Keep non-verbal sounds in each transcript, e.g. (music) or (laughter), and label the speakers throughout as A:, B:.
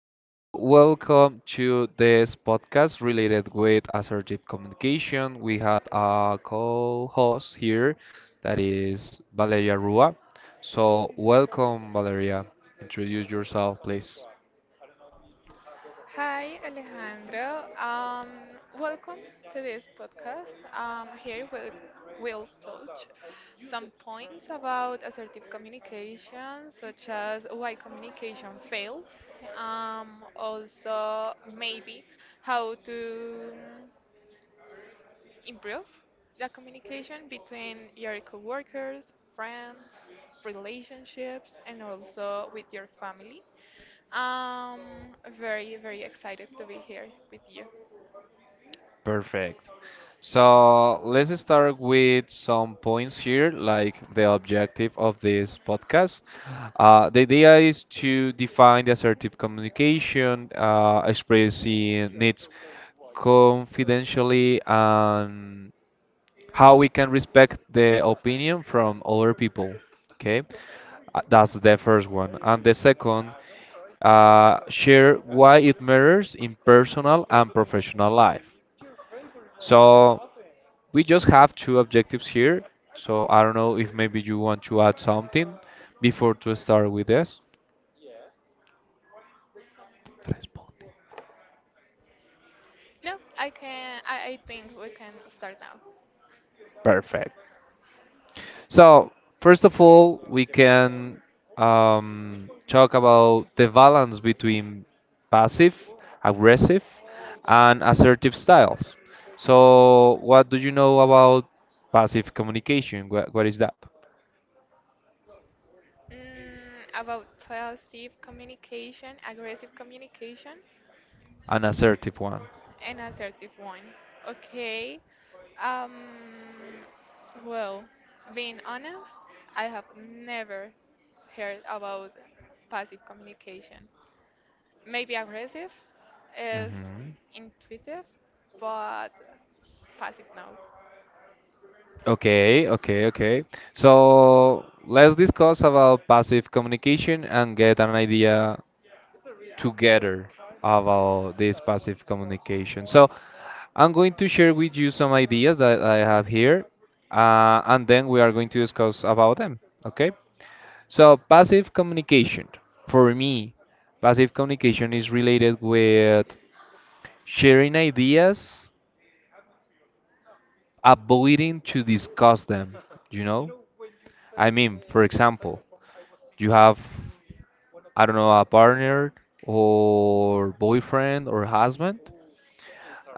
A: Okay, so welcome to this podcast related with assertive communication. We had a co-host here that is Valeria Rua. So welcome, Valeria. Introduce yourself, please.
B: Hi, Alejandro. Welcome to this podcast. Here we'll touch some points about assertive communication, such as why communication fails, also maybe how to improve the communication between your coworkers, friends, relationships, and also with your family. Um, Very, very excited to be here with you.
A: Perfect. So let's start with some points here, like the objective of this podcast. The idea is to define the assertive communication, expressing needs confidentially and how we can respect the opinion from other people. Okay. That's the first one. And the second, share why it matters in personal and professional life. So we just have two objectives here. So I don't know if maybe you want to add something before to start with this. Responde.
B: No, I can. I think we can start now.
A: Perfect. So, first of all, we can talk about the balance between passive, aggressive, and assertive styles. So, what do you know about passive communication? What is that?
B: Mm, about passive communication, aggressive communication,
A: An assertive one.
B: and assertive one. Okay. Um, well, being honest, I have never heard about passive communication. Maybe aggressive is
A: Hmm.
B: intuitive, but passive no.
A: Okay, okay, okay. So, let's discuss about passive communication and get an idea together about this passive communication. So I'm going to share with you some ideas that I have here, and then we are going to discuss about them. Okay? So passive communication. For me, passive communication is related with sharing ideas, avoiding to discuss them. You know? I mean, for example, you have, I don't know, a partner or boyfriend or husband,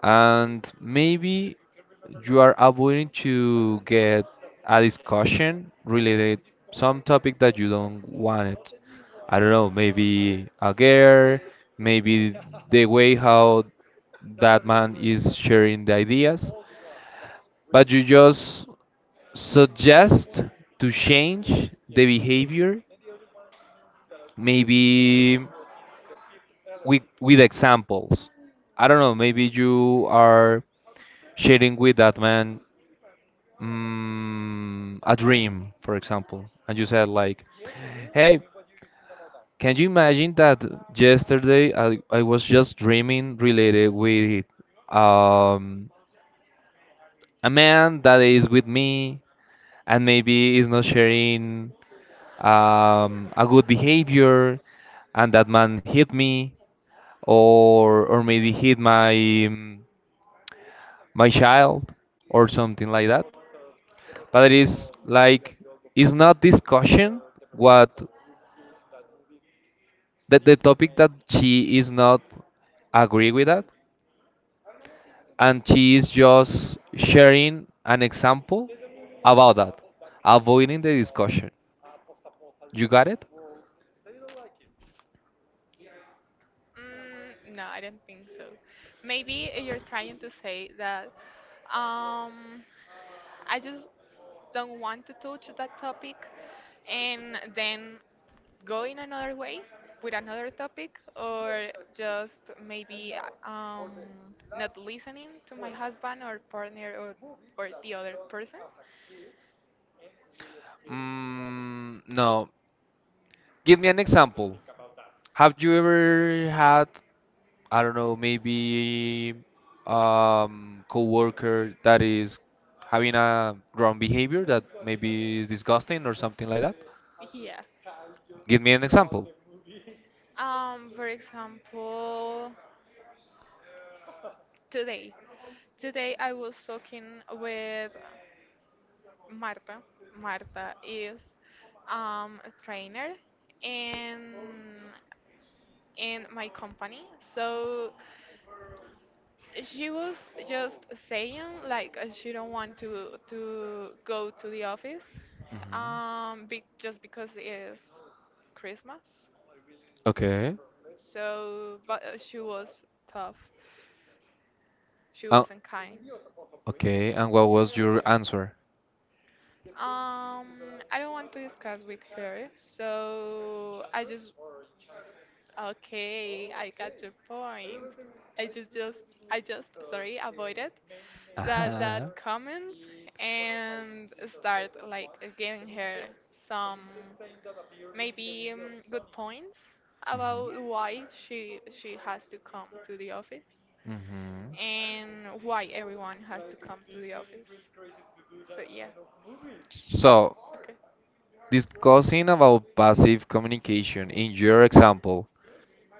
A: and maybe you are avoiding to get a discussion related some topic that you don't want it. I don't know, maybe a girl, maybe the way how that man is sharing the ideas, but you just suggest to change the behavior, maybe with examples. I don't know, maybe you are sharing with that man a dream, for example, and you said like, "Hey, can you imagine that yesterday I was just dreaming related with um, a man that is with me and maybe is not sharing a good behavior, and that man hit me, or maybe hit my my child, or something like that?" But it is like it's not discussion what the topic that she is not agree with that, and she is just sharing an example about that, avoiding the discussion. You got it?
B: Mm, no, I don't think so. Maybe you're trying to say that um, I just don't want to touch that topic and then go in another way with another topic, or just maybe uh, um, not listening to my husband or partner or the other person.
A: Mm, no. Give me an example. Have you ever had, I don't know, maybe coworker that is having a wrong behavior that maybe is disgusting or something like that?
B: Yes.
A: Give me an example.
B: For example, today. Today I was talking with Marta. Marta is a trainer in in my company. So she was just saying like she don't want to go to the office,
A: Mhm.
B: just because it's Christmas.
A: Okay.
B: So, but she was tough. She
A: Uh,
B: wasn't kind.
A: okay, and what was your answer?
B: Um, I don't want to discuss with her, so I just okay, I got your point. I just I just sorry avoided that
A: Uh-huh.
B: comments and start like giving her some maybe good points about why she has to come to the office
A: Mhm.
B: and why everyone has to come to the office. So yeah,
A: Mhm. So,
B: okay.
A: discussing about passive communication in your example,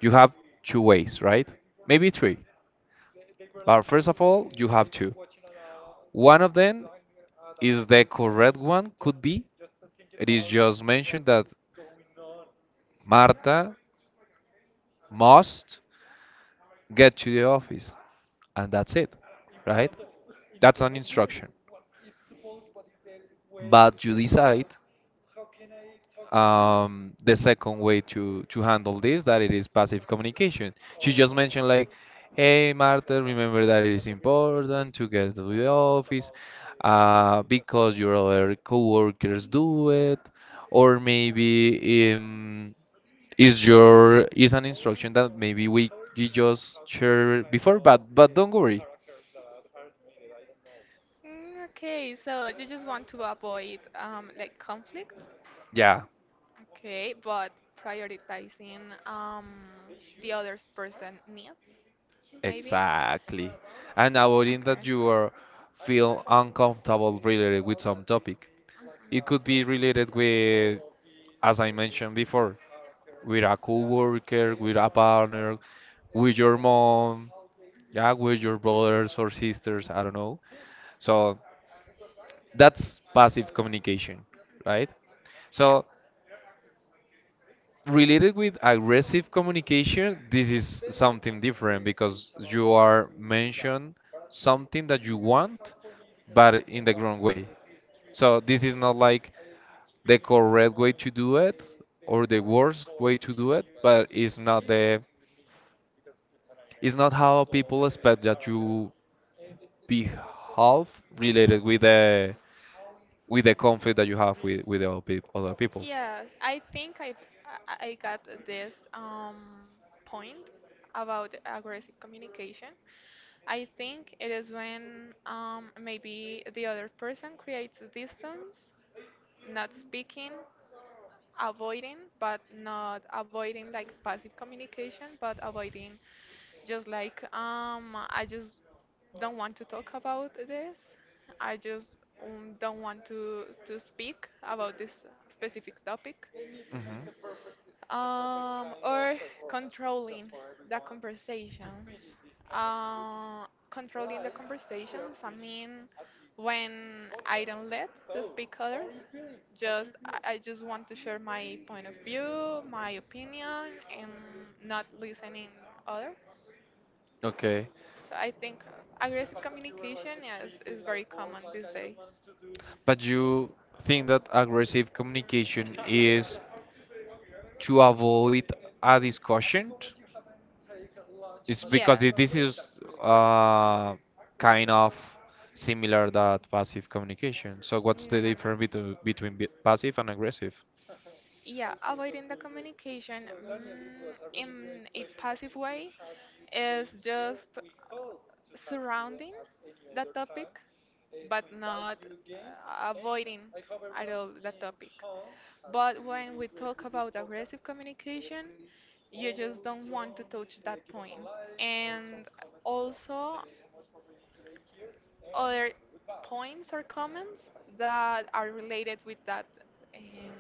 A: you have two ways, right? Maybe three. But first of all, you have two. One of them is the correct one, could be. It is just mentioned that Marta must get to the office, and that's it, right? That's an instruction. But you decide the second way to handle this that it is passive communication. She just mentioned like, "Hey, Marta, remember that it is important to get to the office, because your other coworkers do it, or maybe is your is an instruction that maybe we you just shared before, but don't worry."
B: Mm, okay, so you just want to avoid like conflict.
A: Yeah,
B: Okay, but prioritizing the other person needs, maybe?
A: exactly. And avoiding
B: Okay.
A: that you are feel uncomfortable related with some topic. It could be
B: Mhm.
A: related with, as I mentioned before, with a coworker, with a partner, with your mom, yeah, with your brothers or sisters. I don't know. So that's passive communication, right?
B: Yeah.
A: So related with aggressive communication, this is something different because you are mentioned something that you want, but in the wrong way. So this is not like the correct way to do it or the worst way to do it, but it's not how people expect that you behave related with the conflict that you have with the other people.
B: Yes, I think I got this point about aggressive communication. I think it is when maybe the other person creates distance, not speaking, avoiding but not avoiding like passive communication but avoiding just like I just don't want to talk about this I just don't want to speak about this specific topic,
A: Mhm.
B: or controlling the conversations. Controlling the conversations, I mean, when I don't let to speak others, just I just want to share my point of view, my opinion, and not listening others.
A: Okay.
B: So I think aggressive communication is very common these days.
A: But you think that aggressive communication is to avoid a discussion? It's because
B: Yes.
A: this is uh, kind of similar that passive communication. So what's
B: No,
A: the
B: no, no.
A: difference between passive and aggressive?
B: Yeah, avoiding the communication, mm, in a passive way is just surrounding the topic, but not avoiding at all the topic. But when we talk about aggressive communication, you just don't want to touch that point. And also, other points or comments that are related with that, um,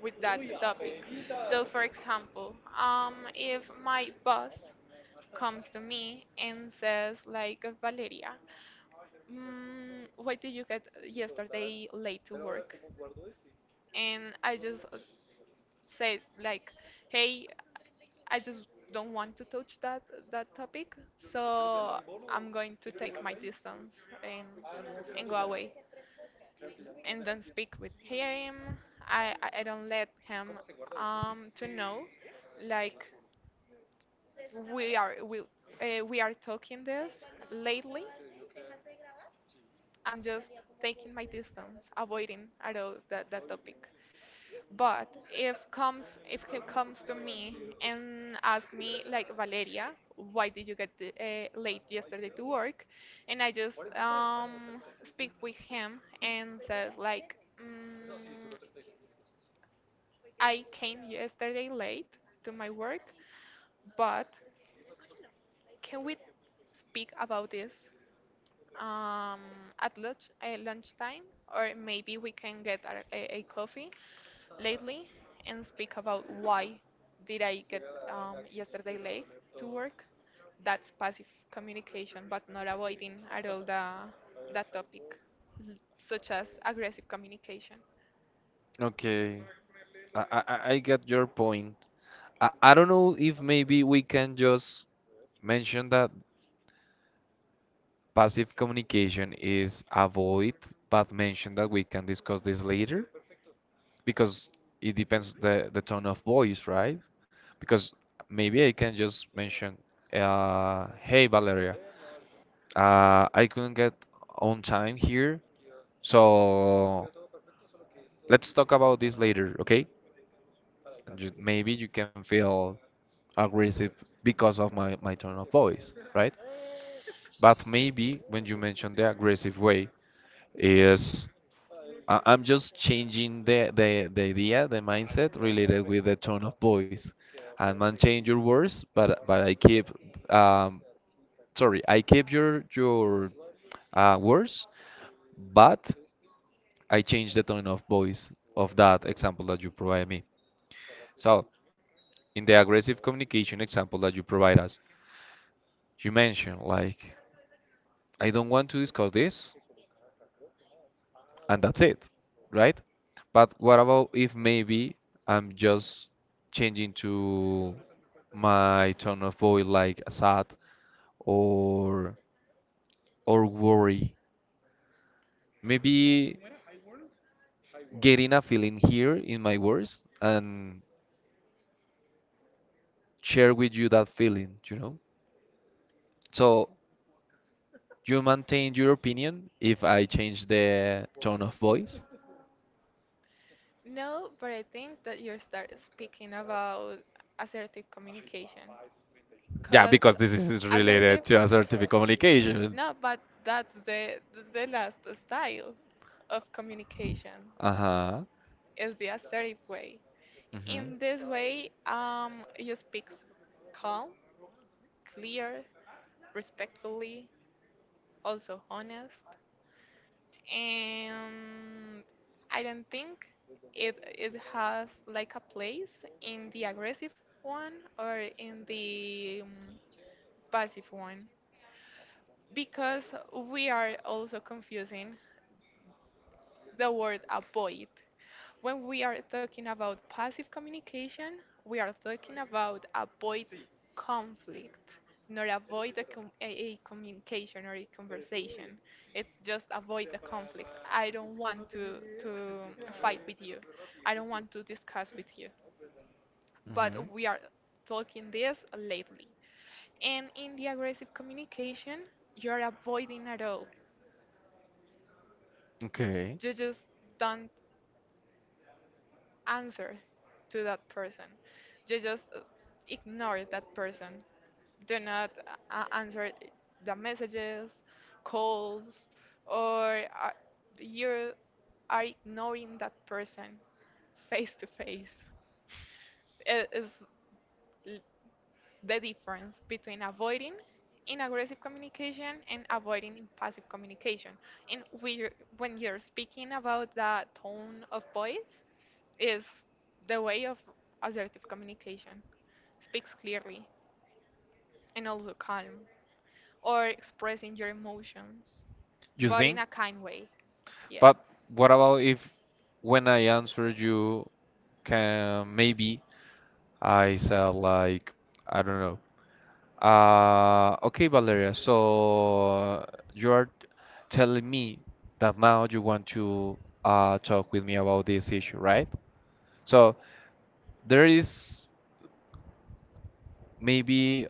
B: with that topic. So, for example, if my boss comes to me and says like Valeria, mm, why did you get yesterday late to work? And I just say like, "Hey, I just don't want to touch that topic, so I'm going to take my distance and and go away and don't speak with him. I don't let him to know like we are we are talking this lately. I'm just taking my distance, avoiding at all that topic. But if he comes to me and asks me like Valeria, why did you get the, late yesterday to work? And I just speak with him and says like, mm, I came yesterday late to my work, but can we speak about this, um, at lunchtime, or maybe we can get a coffee lately and speak about why did I get, yesterday late to work. That's passive communication, but not avoiding at all the that topic, such as aggressive communication.
A: Okay, I get your point. I don't know if maybe we can just mention that passive communication is avoid, but mention that we can discuss this later because it depends the tone of voice, right? Because maybe I can just mention, hey Valeria, I couldn't get on time here, so let's talk about this later, okay? Maybe you can feel aggressive because of my tone of voice, right? But maybe when you mention the aggressive way, is I'm just changing the idea, the mindset related with the tone of voice. I might change your words, but I keep um, sorry, I keep your words, but I change the tone of voice of that example that you provide me. So in the aggressive communication example that you provide us, you mentioned like I don't want to discuss this, and that's it, right? But what about if maybe I'm just changing to my tone of voice like sad or worry? Maybe getting a feeling here in my words and share with you that feeling, you know? So you maintain your opinion if I change the tone of voice.
B: No, but I think that you start speaking about assertive communication,
A: Yeah,
B: because
A: because this is related
B: assertive
A: to assertive communication.
B: no, but that's the last style of communication
A: Uh-huh.
B: is the assertive way.
A: Hmm.
B: In this way, you speak calm, clear, respectfully, also honest, and I don't think it has like a place in the aggressive one or in the passive one because we are also confusing the word avoid. When we are talking about passive communication, we are talking about avoid conflict, not avoid a communication or a conversation. It's just avoid the conflict. I don't want to fight with you. I don't want to discuss with you.
A: Hmm.
B: But we are talking this lately. And in the aggressive communication, you're avoiding at all.
A: Okay.
B: You just don't answer to that person. You just ignore that person. Do not answer the messages, calls, or you are ignoring that person face to face. It is l- the difference between avoiding in aggressive communication and avoiding in passive communication. And we, when you're speaking about the tone of voice, is the way of assertive communication. Speaks clearly and also calm, or expressing your emotions,
A: You
B: but in
A: think?
B: a kind way. Yeah.
A: But what about if when I answer you, can maybe I said like I don't know. Okay, Valeria. So you are telling me that now you want to talk with me about this issue, right? So there is maybe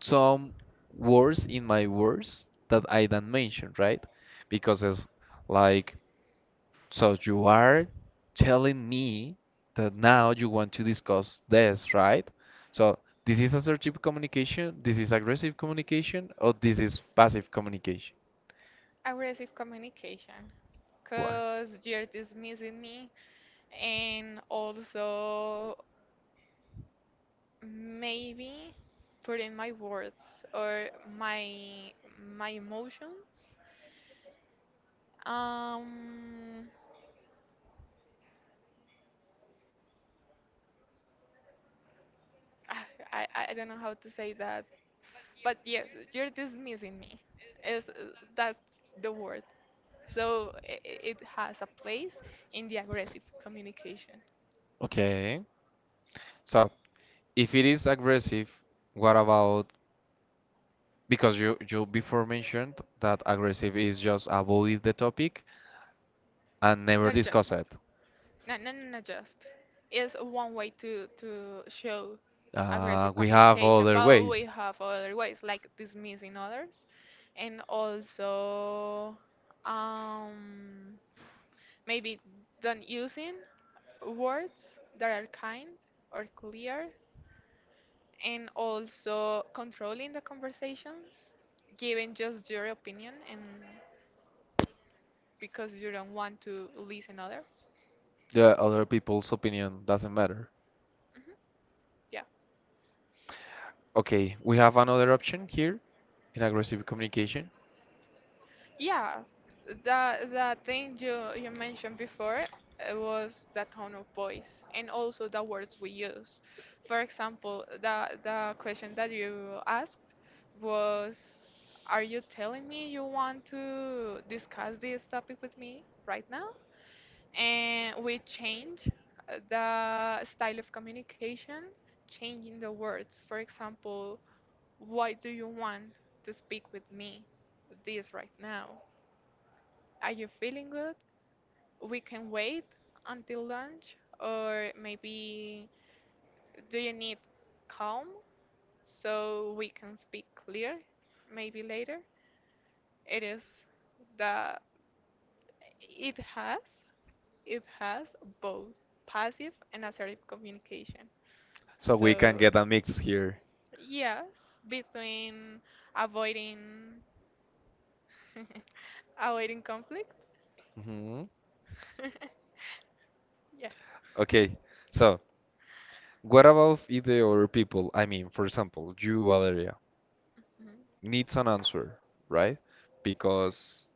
A: some words in my words that I don't mention, right? Because it's like, so you are telling me that now you want to discuss this, right? So this is assertive communication, this is aggressive communication, or this is passive communication.
B: Aggressive communication
A: Why?
B: because you're dismissing me and also maybe put in my words or my my emotions. Um, ah, I don't know how to say that, but yes, you're dismissing me. Is that's the word. So it has a place in the aggressive communication,
A: Okay. So if it is aggressive, what about? Because you before mentioned that aggressive is just avoid the topic and never
B: not
A: discuss
B: just.
A: it.
B: No, no, no, no, just. It's one way to show aggressive
A: We have
B: communication,
A: other
B: but we
A: ways.
B: have other ways like dismissing others, and also, um, maybe don't using words that are kind or clear, and also controlling the conversations, giving just your opinion, and because you don't want to listen others.
A: The other people's opinion doesn't matter.
B: Hmm.
A: Okay, we have another option here in aggressive communication.
B: Yeah, that that thing you mentioned before was the tone of voice and also the words we use. For example, the question that you asked was, "Are you telling me you want to discuss this topic with me right now?" And we change the style of communication, changing the words. For example, "Why do you want to speak with me?" This right now, are you feeling good? We can wait until lunch, or maybe do you need calm so we can speak clear? Maybe later. It is the it has it has both passive and assertive communication.
A: So we
B: So we
A: can
B: can get
A: get a
B: a
A: mix
B: mix.
A: here.
B: Yes, between avoiding (laughs) avoiding conflict. (laughs)
A: Hmm.
B: Yeah.
A: Okay, so what about if the other people, I mean, for example, you, Valeria,
B: Mhm.
A: needs an answer, right? Because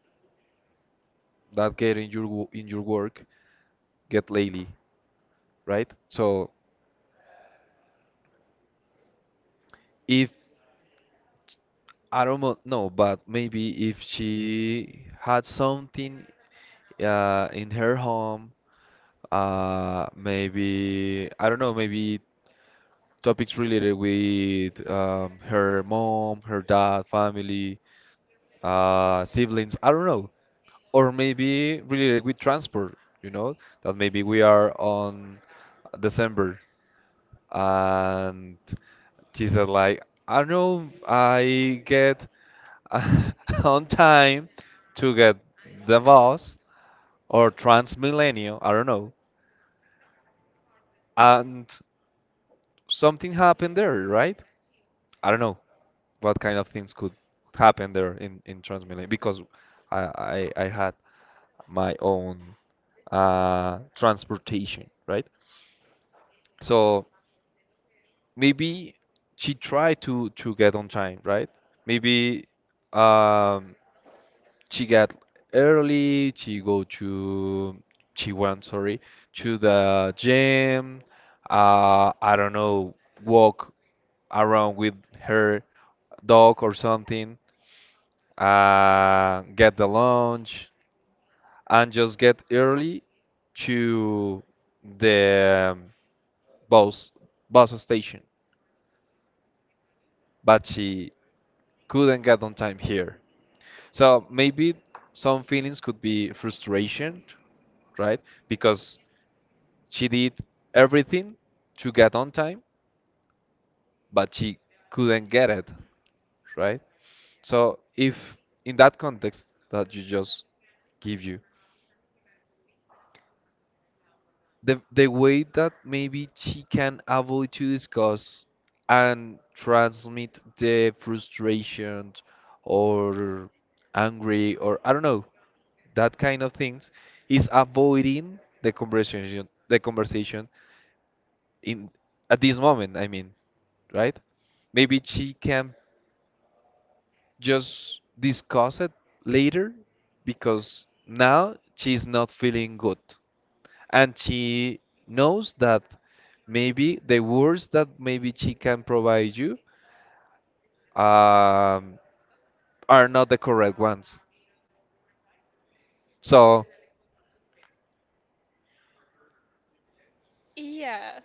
A: that get in your in your work get lately, right? So if I don't know, no, but maybe if she had something in her home, maybe I don't know, maybe topics related with her mom, her dad, family, siblings. I don't know, or maybe related with transport. You know that maybe we are on December, and she said like, I don't know, I get (laughs) on time to get the bus or Transmilenio, I don't know, and something happened there, right? I don't know what kind of things could happen there in Transmilenio, because I had my own transportation, right? So maybe she tried to get on time, right? Maybe um she got early, she go to she went, sorry, to the gym, I don't know, walk around with her dog or something, get the lunch and just get early to the bus bus station, but she couldn't get on time here. So maybe some feelings could be frustration, right? Because she did everything to get on time, but she couldn't get it, right? So if in that context that you just give you, the way that maybe she can able to discuss and transmit the frustration or angry or I don't know that kind of things is avoiding the conversation in at this moment, I mean, right? Maybe she can just discuss it later because now she's not feeling good, and she knows that maybe the words that maybe she can provide you um, are not the correct ones. So,
B: Yes,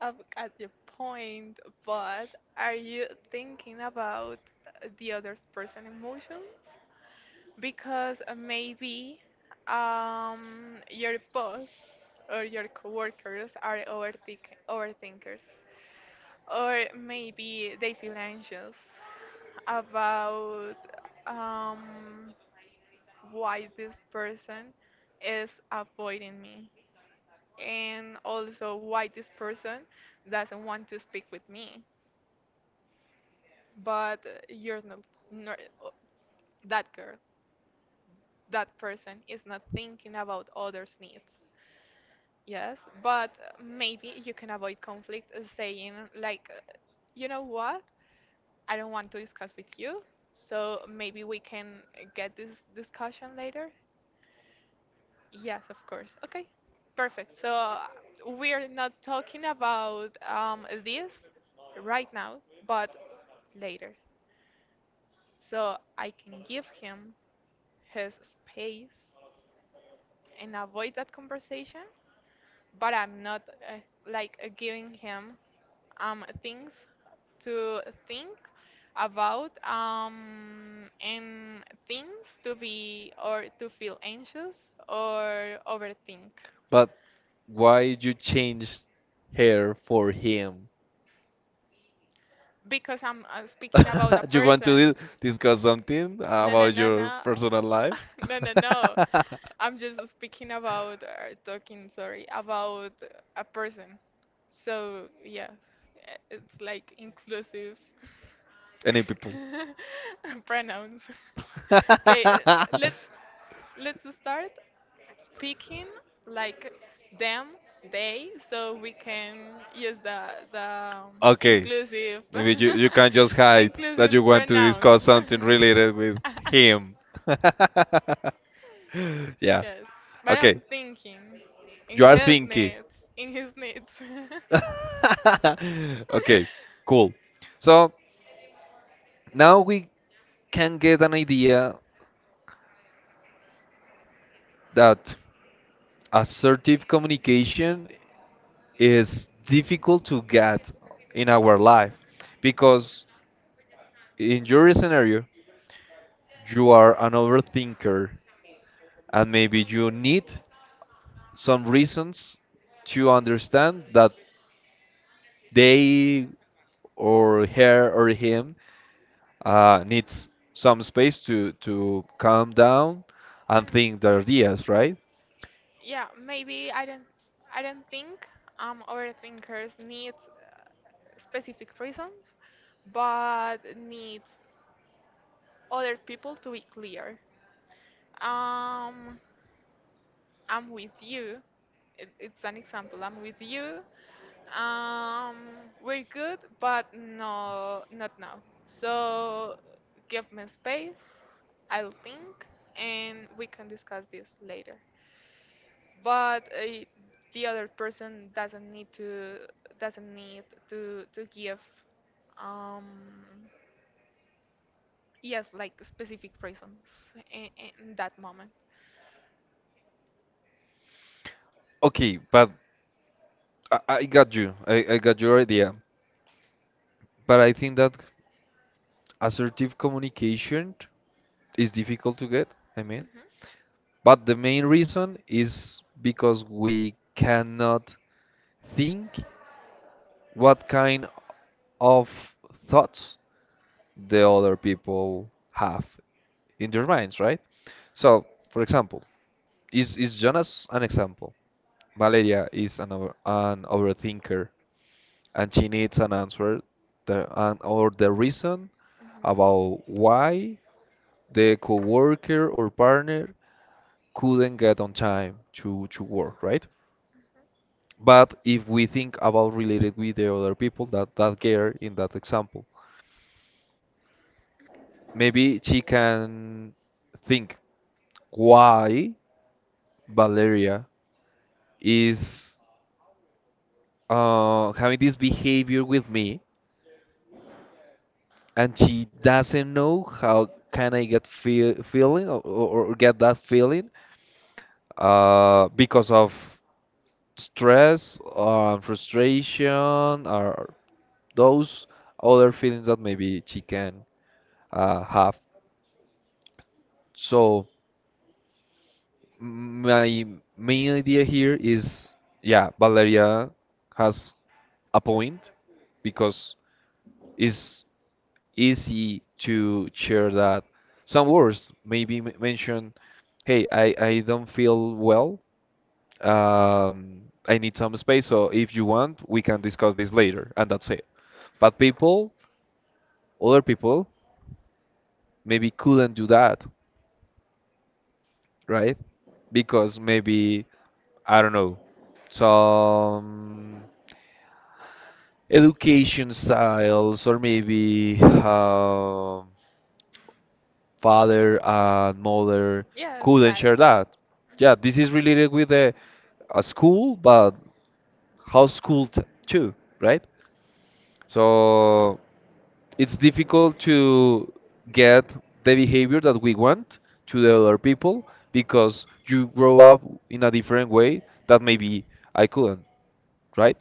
B: I've got your point, but are you thinking about the other person's emotions? Because maybe, your boss or your coworkers are overthinkers, or maybe they feel anxious about, um, why this person is avoiding me and also why this person doesn't want to speak with me. But you're not, nor- uh, that girl, that person is not thinking about others' needs. Yes, but maybe you can avoid conflict saying, like, you know what? I don't want to discuss with you, so maybe we can get this discussion later. Yes, of course. Okay, perfect. So we're not talking about, this right now, but later. So I can give him his space and avoid that conversation, but I'm not uh, giving him, things to think about, and things to be or to feel anxious or overthink
A: but why you change her for him?
B: because I'm speaking about a
A: (laughs) You want to
B: person.
A: discuss something
B: No, no,
A: about
B: no,
A: your
B: no.
A: personal
B: (laughs)
A: life?
B: No, no, no. I'm just speaking about sorry, about a person. So yeah, it's like
A: (laughs)
B: inclusive
A: Any people.
B: (laughs) pronouns. Okay,
A: (laughs)
B: let's let's start speaking like them, they, so we can use the
A: Okay,
B: inclusive
A: maybe you can just
B: (laughs) the
A: hide that
B: inclusive
A: you want to
B: pronouns.
A: discuss something related with
B: (laughs)
A: him. (laughs) Yeah.
B: Yes, but
A: Okay,
B: I'm thinking in
A: you are
B: his
A: thinking.
B: needs, in his needs. (laughs)
A: (laughs) Okay, cool. So now we can get an idea that assertive communication is difficult to get in our life because in your scenario, you are an overthinker and maybe you need some reasons to understand that they or her or him needs some space to calm down and think their ideas, right?
B: Yeah, maybe I don't think overthinkers need, specific reasons, but needs other people to be clear. Um, I'm with you. It's an example. I'm with you. Um, we're good, but no, not now. So give me space. I'll think, and we can discuss this later. But the other person doesn't need to give, um yes, like specific reasons in, in that moment.
A: Okay, but I got you. I got your idea. But I think that assertive communication is difficult to get. I mean,
B: Mhm.
A: but the main reason is because we cannot think what kind of thoughts the other people have in their minds, right? So, for example, is Jonas an example? Valeria is an overthinker, and she needs an answer, the, an, or the reason
B: Mhm.
A: about why the coworker or partner couldn't get on time to work, right? But if we think about related with the other people, that girl in that example, maybe she can think why Valeria is having this behavior with me, and she doesn't know how can I get feeling or, or get that feeling because of stress or frustration or those other feelings that maybe she can have. So my main idea here is, yeah, Valeria has a point because it's easy to share that. Some words maybe mention, hey, I don't feel well. I need some space. So if you want, we can discuss this later, and that's it. But people, other people, maybe couldn't do that, right? Because maybe I don't know, some education styles or maybe father and mother
B: Yes,
A: couldn't
B: life.
A: share that. Yeah, this is related with a school, but how school t too, right? So it's difficult to get the behavior that we want to the other people because you grow up in a different way that maybe I couldn't,
B: Mhm.
A: right?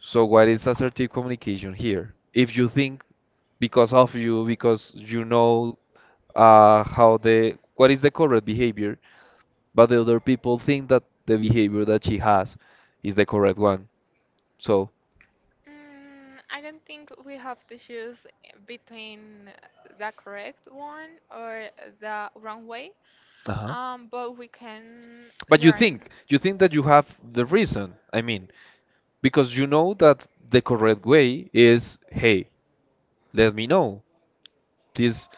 A: So what is assertive communication here? If you think because of you, because you know how the what is the correct behavior, but the other people think that the behavior that she has is the correct one. So,
B: Mm, I don't think we have to choose between the correct one or the wrong way,
A: uh-huh.
B: but we can, but you
A: But
B: learn.
A: you think that you have the reason. I mean, because you know that the correct way is, hey, let me know. Please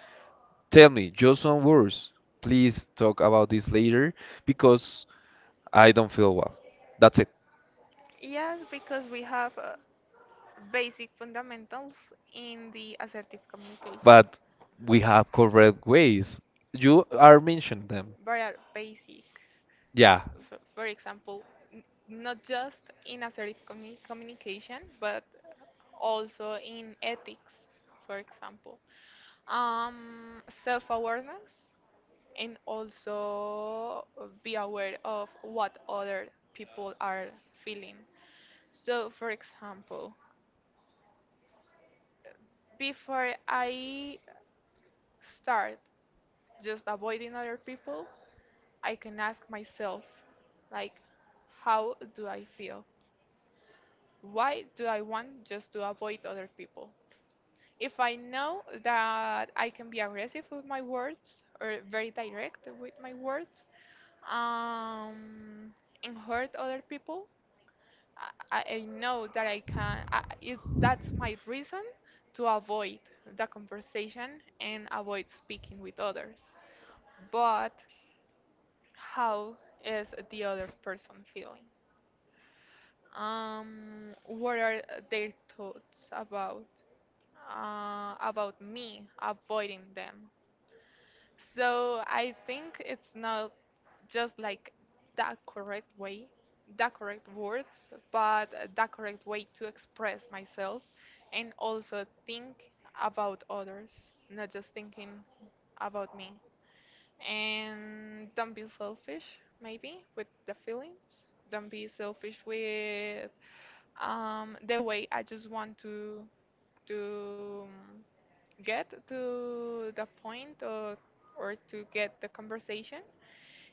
A: tell me just some words. Please talk about this later because I don't feel well. That's it.
B: Yes, because we have basic fundamentals in the assertive communication.
A: But we have correct ways. You are mentioned them.
B: Very are basic.
A: Yeah.
B: So, for example, not just in communication, but also in ethics, for example. Self-awareness and also be aware of what other people are feeling. So, for example, before I start just avoiding other people, I can ask myself, like, how do I feel? Why do I want just to avoid other people? If I know that I can be aggressive with my words or very direct with my words, um, and hurt other people, I know that I can. Is that's my reason to avoid the conversation and avoid speaking with others. But how is the other person feeling? What are their thoughts about me avoiding them? So I think it's not just like the correct way, the correct words, but the correct way to express myself and also think about others, not just thinking about me. And don't be selfish, maybe, with the feelings. Don't be selfish with the way I just want to to um, get to the point or to get the conversation,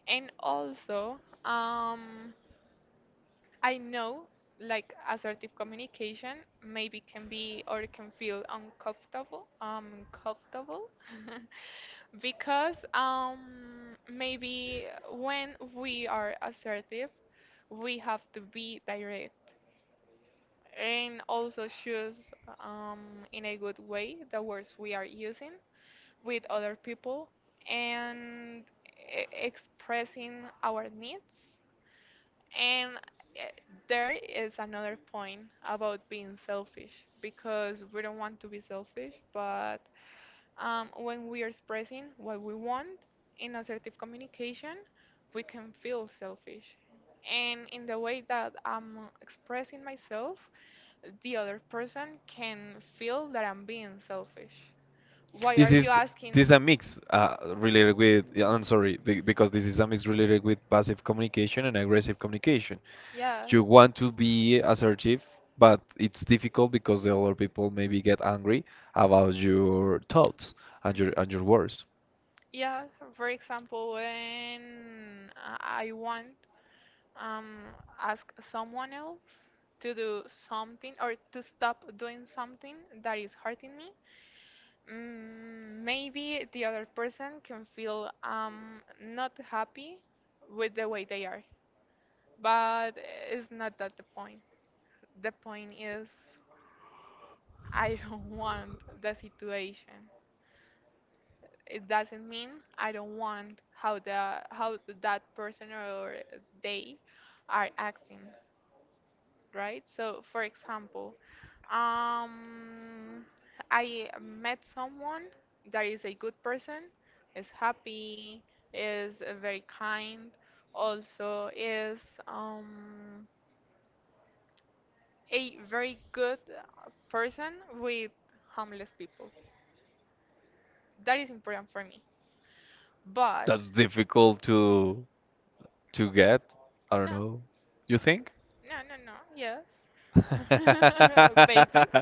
B: and also um I know, like, assertive communication maybe can be or can feel uncomfortable, uncomfortable. (laughs) Because maybe when we are assertive, we have to be direct and also choose in a good way the words we are using with other people, and expressing our needs. And uh, there is another point about being selfish, because we don't want to be selfish, but when we are expressing what we want in assertive communication, we can feel selfish. And in the way that I'm expressing myself, the other person can feel that I'm being selfish. Why are
A: This
B: you
A: is this
B: asking?
A: is a mix related with. Yeah, I'm sorry because this is a mix related with passive communication and aggressive communication.
B: Yeah.
A: You want to be assertive, but it's difficult because the other people maybe get angry about your
B: Mhm.
A: thoughts and
B: Mhm.
A: your words.
B: Yeah, so for example, when I want um ask someone else to do something or to stop doing something that is hurting me, mm, maybe the other person can feel not happy with the way they are. But it's not that the point. The point is I don't (laughs) want the situation. It doesn't mean I don't want how the how that person or they are acting, right? So, for example, um, I met someone that is a good person, is happy, is very kind, also is um, a very good person with homeless people. That is important for me. But
A: That's difficult to get. I don't
B: no,
A: know. You think?
B: No, no, no. Yes. (laughs) Basics.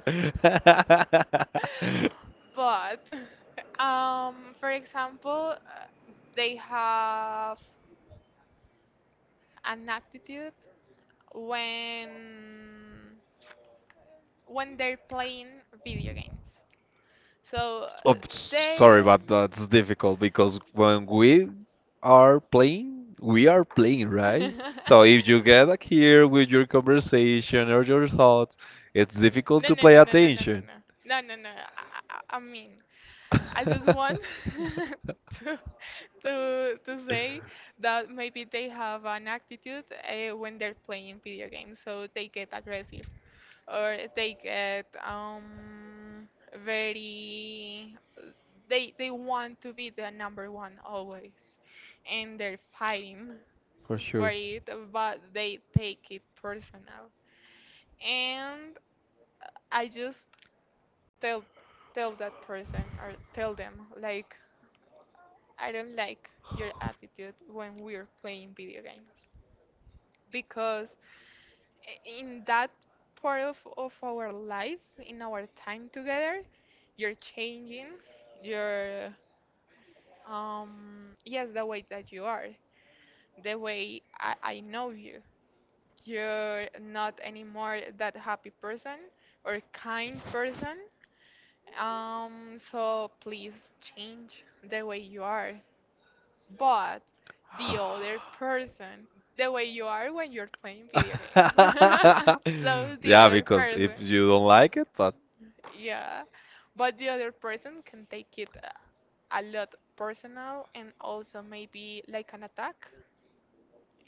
A: (laughs)
B: But (laughs) for example, they have an attitude when when they're playing video games. So
A: Oh, sorry,
B: they
A: but that's difficult because when we are playing, right? So
B: (laughs)
A: if you get like here with your conversation or your thoughts, it's difficult
B: No,
A: to
B: no,
A: play
B: no, no, no, no, no,
A: attention.
B: no,
A: (laughs)
B: no, no, no. I mean, I just want (laughs) to to say that maybe they have an attitude when they're playing video games, so they get aggressive or they get very they want to be the number one always, and they're fighting
A: For
B: for
A: sure.
B: it, but they take it personal. And I just tell tell that person or tell them, like, I don't like your attitude when we're playing video games. Because in that part of our life, in our time together, you're changing your yes the way that you are, the way I know you. You're not anymore that happy person or kind person. So please change the way you are. But the other person, the way you are when you're playing video games. (laughs)
A: (laughs)
B: So the
A: Yeah,
B: other
A: because
B: person.
A: if you don't like it, but
B: Yeah, but the other person can take it a lot personal, and also maybe like an attack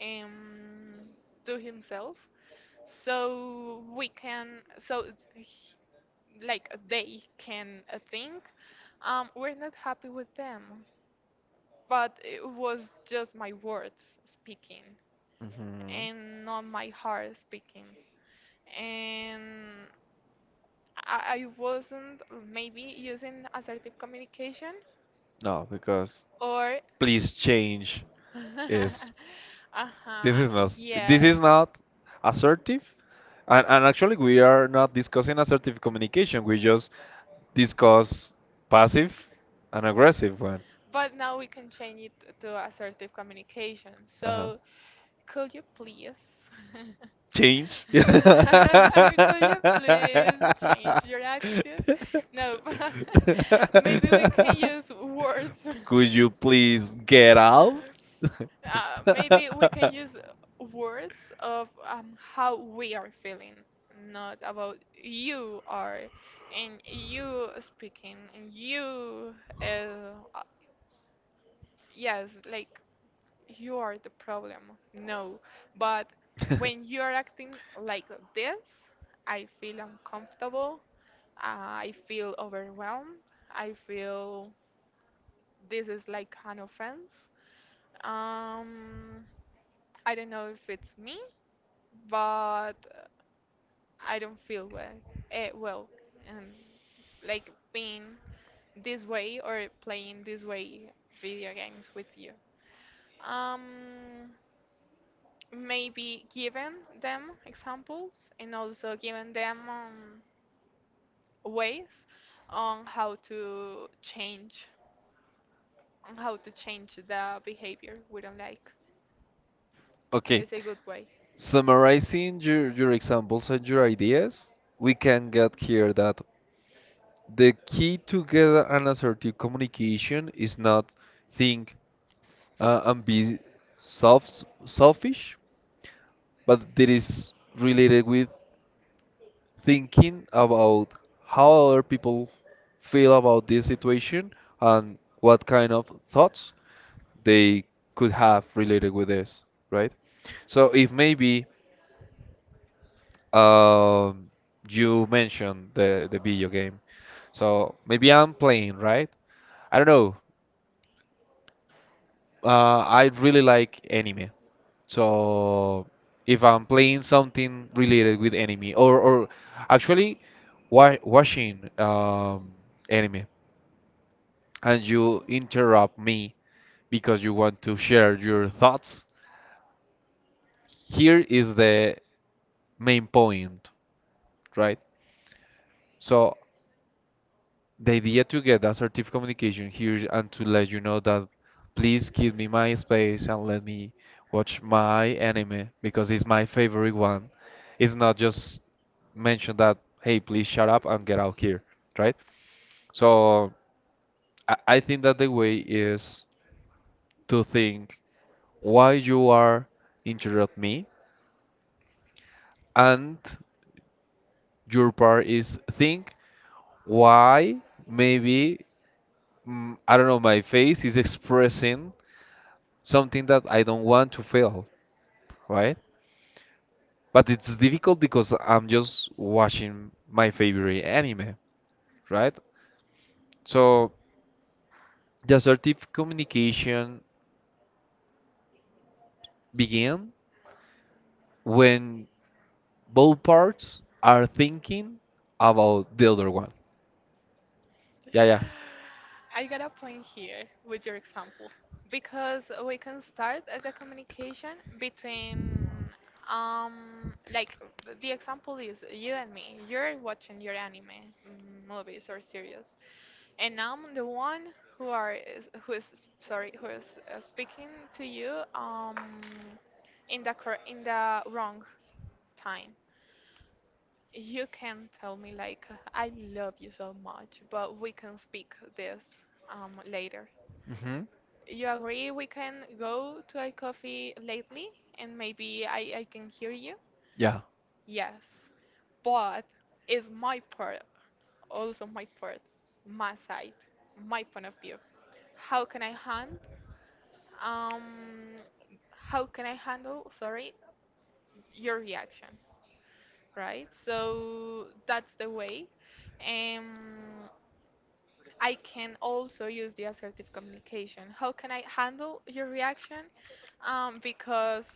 B: um, to himself. So we can, so like they can think, we're not happy with them, but it was just my words speaking,
A: mhm.
B: and not my heart speaking. And I wasn't maybe using assertive communication
A: No, because
B: or
A: please change is
B: (laughs)
A: this
B: uh-huh,
A: is not this is
B: yes.
A: not assertive. And actually we are not discussing assertive communication. We just discuss passive and
B: Mhm.
A: aggressive one.
B: But now we can change it to assertive communication.
A: Uh-huh.
B: So could you please (laughs)
A: Change. (laughs)
B: (laughs) could you please change your attitude? No, but (laughs) maybe we can use words.
A: Could you please get
B: (laughs)
A: out?
B: Maybe we can use words of how we are feeling, not about you are
A: (laughs)
B: and you speaking and you. Uh, uh, yes, like you are the problem. No, but
A: (laughs)
B: when you are acting like this, I feel uncomfortable. I feel overwhelmed. I feel this is like an offense. Um, I don't know if it's me, but I don't feel well. Well, and like being this way or playing this way video games with you. Um, Maybe giving them examples, and also giving them ways on how to change, on how to change the behavior we don't like.
A: Okay,
B: It's a good way.
A: summarizing your examples and your ideas, we can get here that the key to get an assertive communication is not think and be selfish, but that is related with thinking about how other people feel about this situation and what kind of thoughts they could have related with this, right? So if maybe um, you mentioned the video game. So maybe I'm playing, right? I don't know. I really like anime. So if I'm playing something related with anime, or actually wa watching anime, and you interrupt me because you want to share your thoughts, here is the main point, right? So the idea to get that assertive communication here and to let you know that please give me my space and let me watch my anime because it's my favorite one. It's not just mention that, hey, please shut up and get out here, right? So I think that the way is to think why you are interrupt me and your part is think why maybe I don't know my face is expressing something that I don't want to fail, right? But it's difficult because I'm just watching my favorite anime, right? So the assertive communication begin when both parts are thinking about the other one. Yeah, yeah.
B: I got a point here with your example, because we can start as a communication between um like the example is you and me. You're watching your anime, mm, movies or series, and I'm the one who who sorry who is speaking to you in the cor in the wrong time. You can tell me, like, I love you so much, but we can speak this later.
A: Hmm.
B: You agree we can go to a coffee lately, and maybe I can hear you?
A: Yeah.
B: Yes. But it's my part, also my part, my side, my point of view. How can I um handle, sorry, your reaction, right? So that's the way. Um I can also use the assertive communication. How can I handle your reaction? Because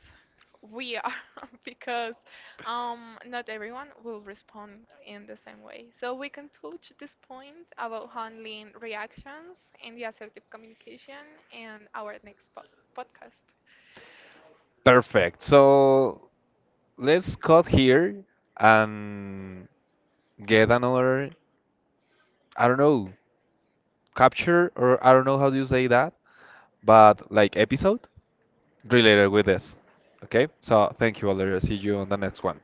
B: we are, (laughs) because not everyone will respond in the same way. So we can touch this point about handling reactions and the assertive communication in our podcast.
A: Perfect. So let's cut here and get another, I don't know, capture or I don't know how do you say that, but like episode. Related with this. Okay, so thank you, Valeria. See you on the next one.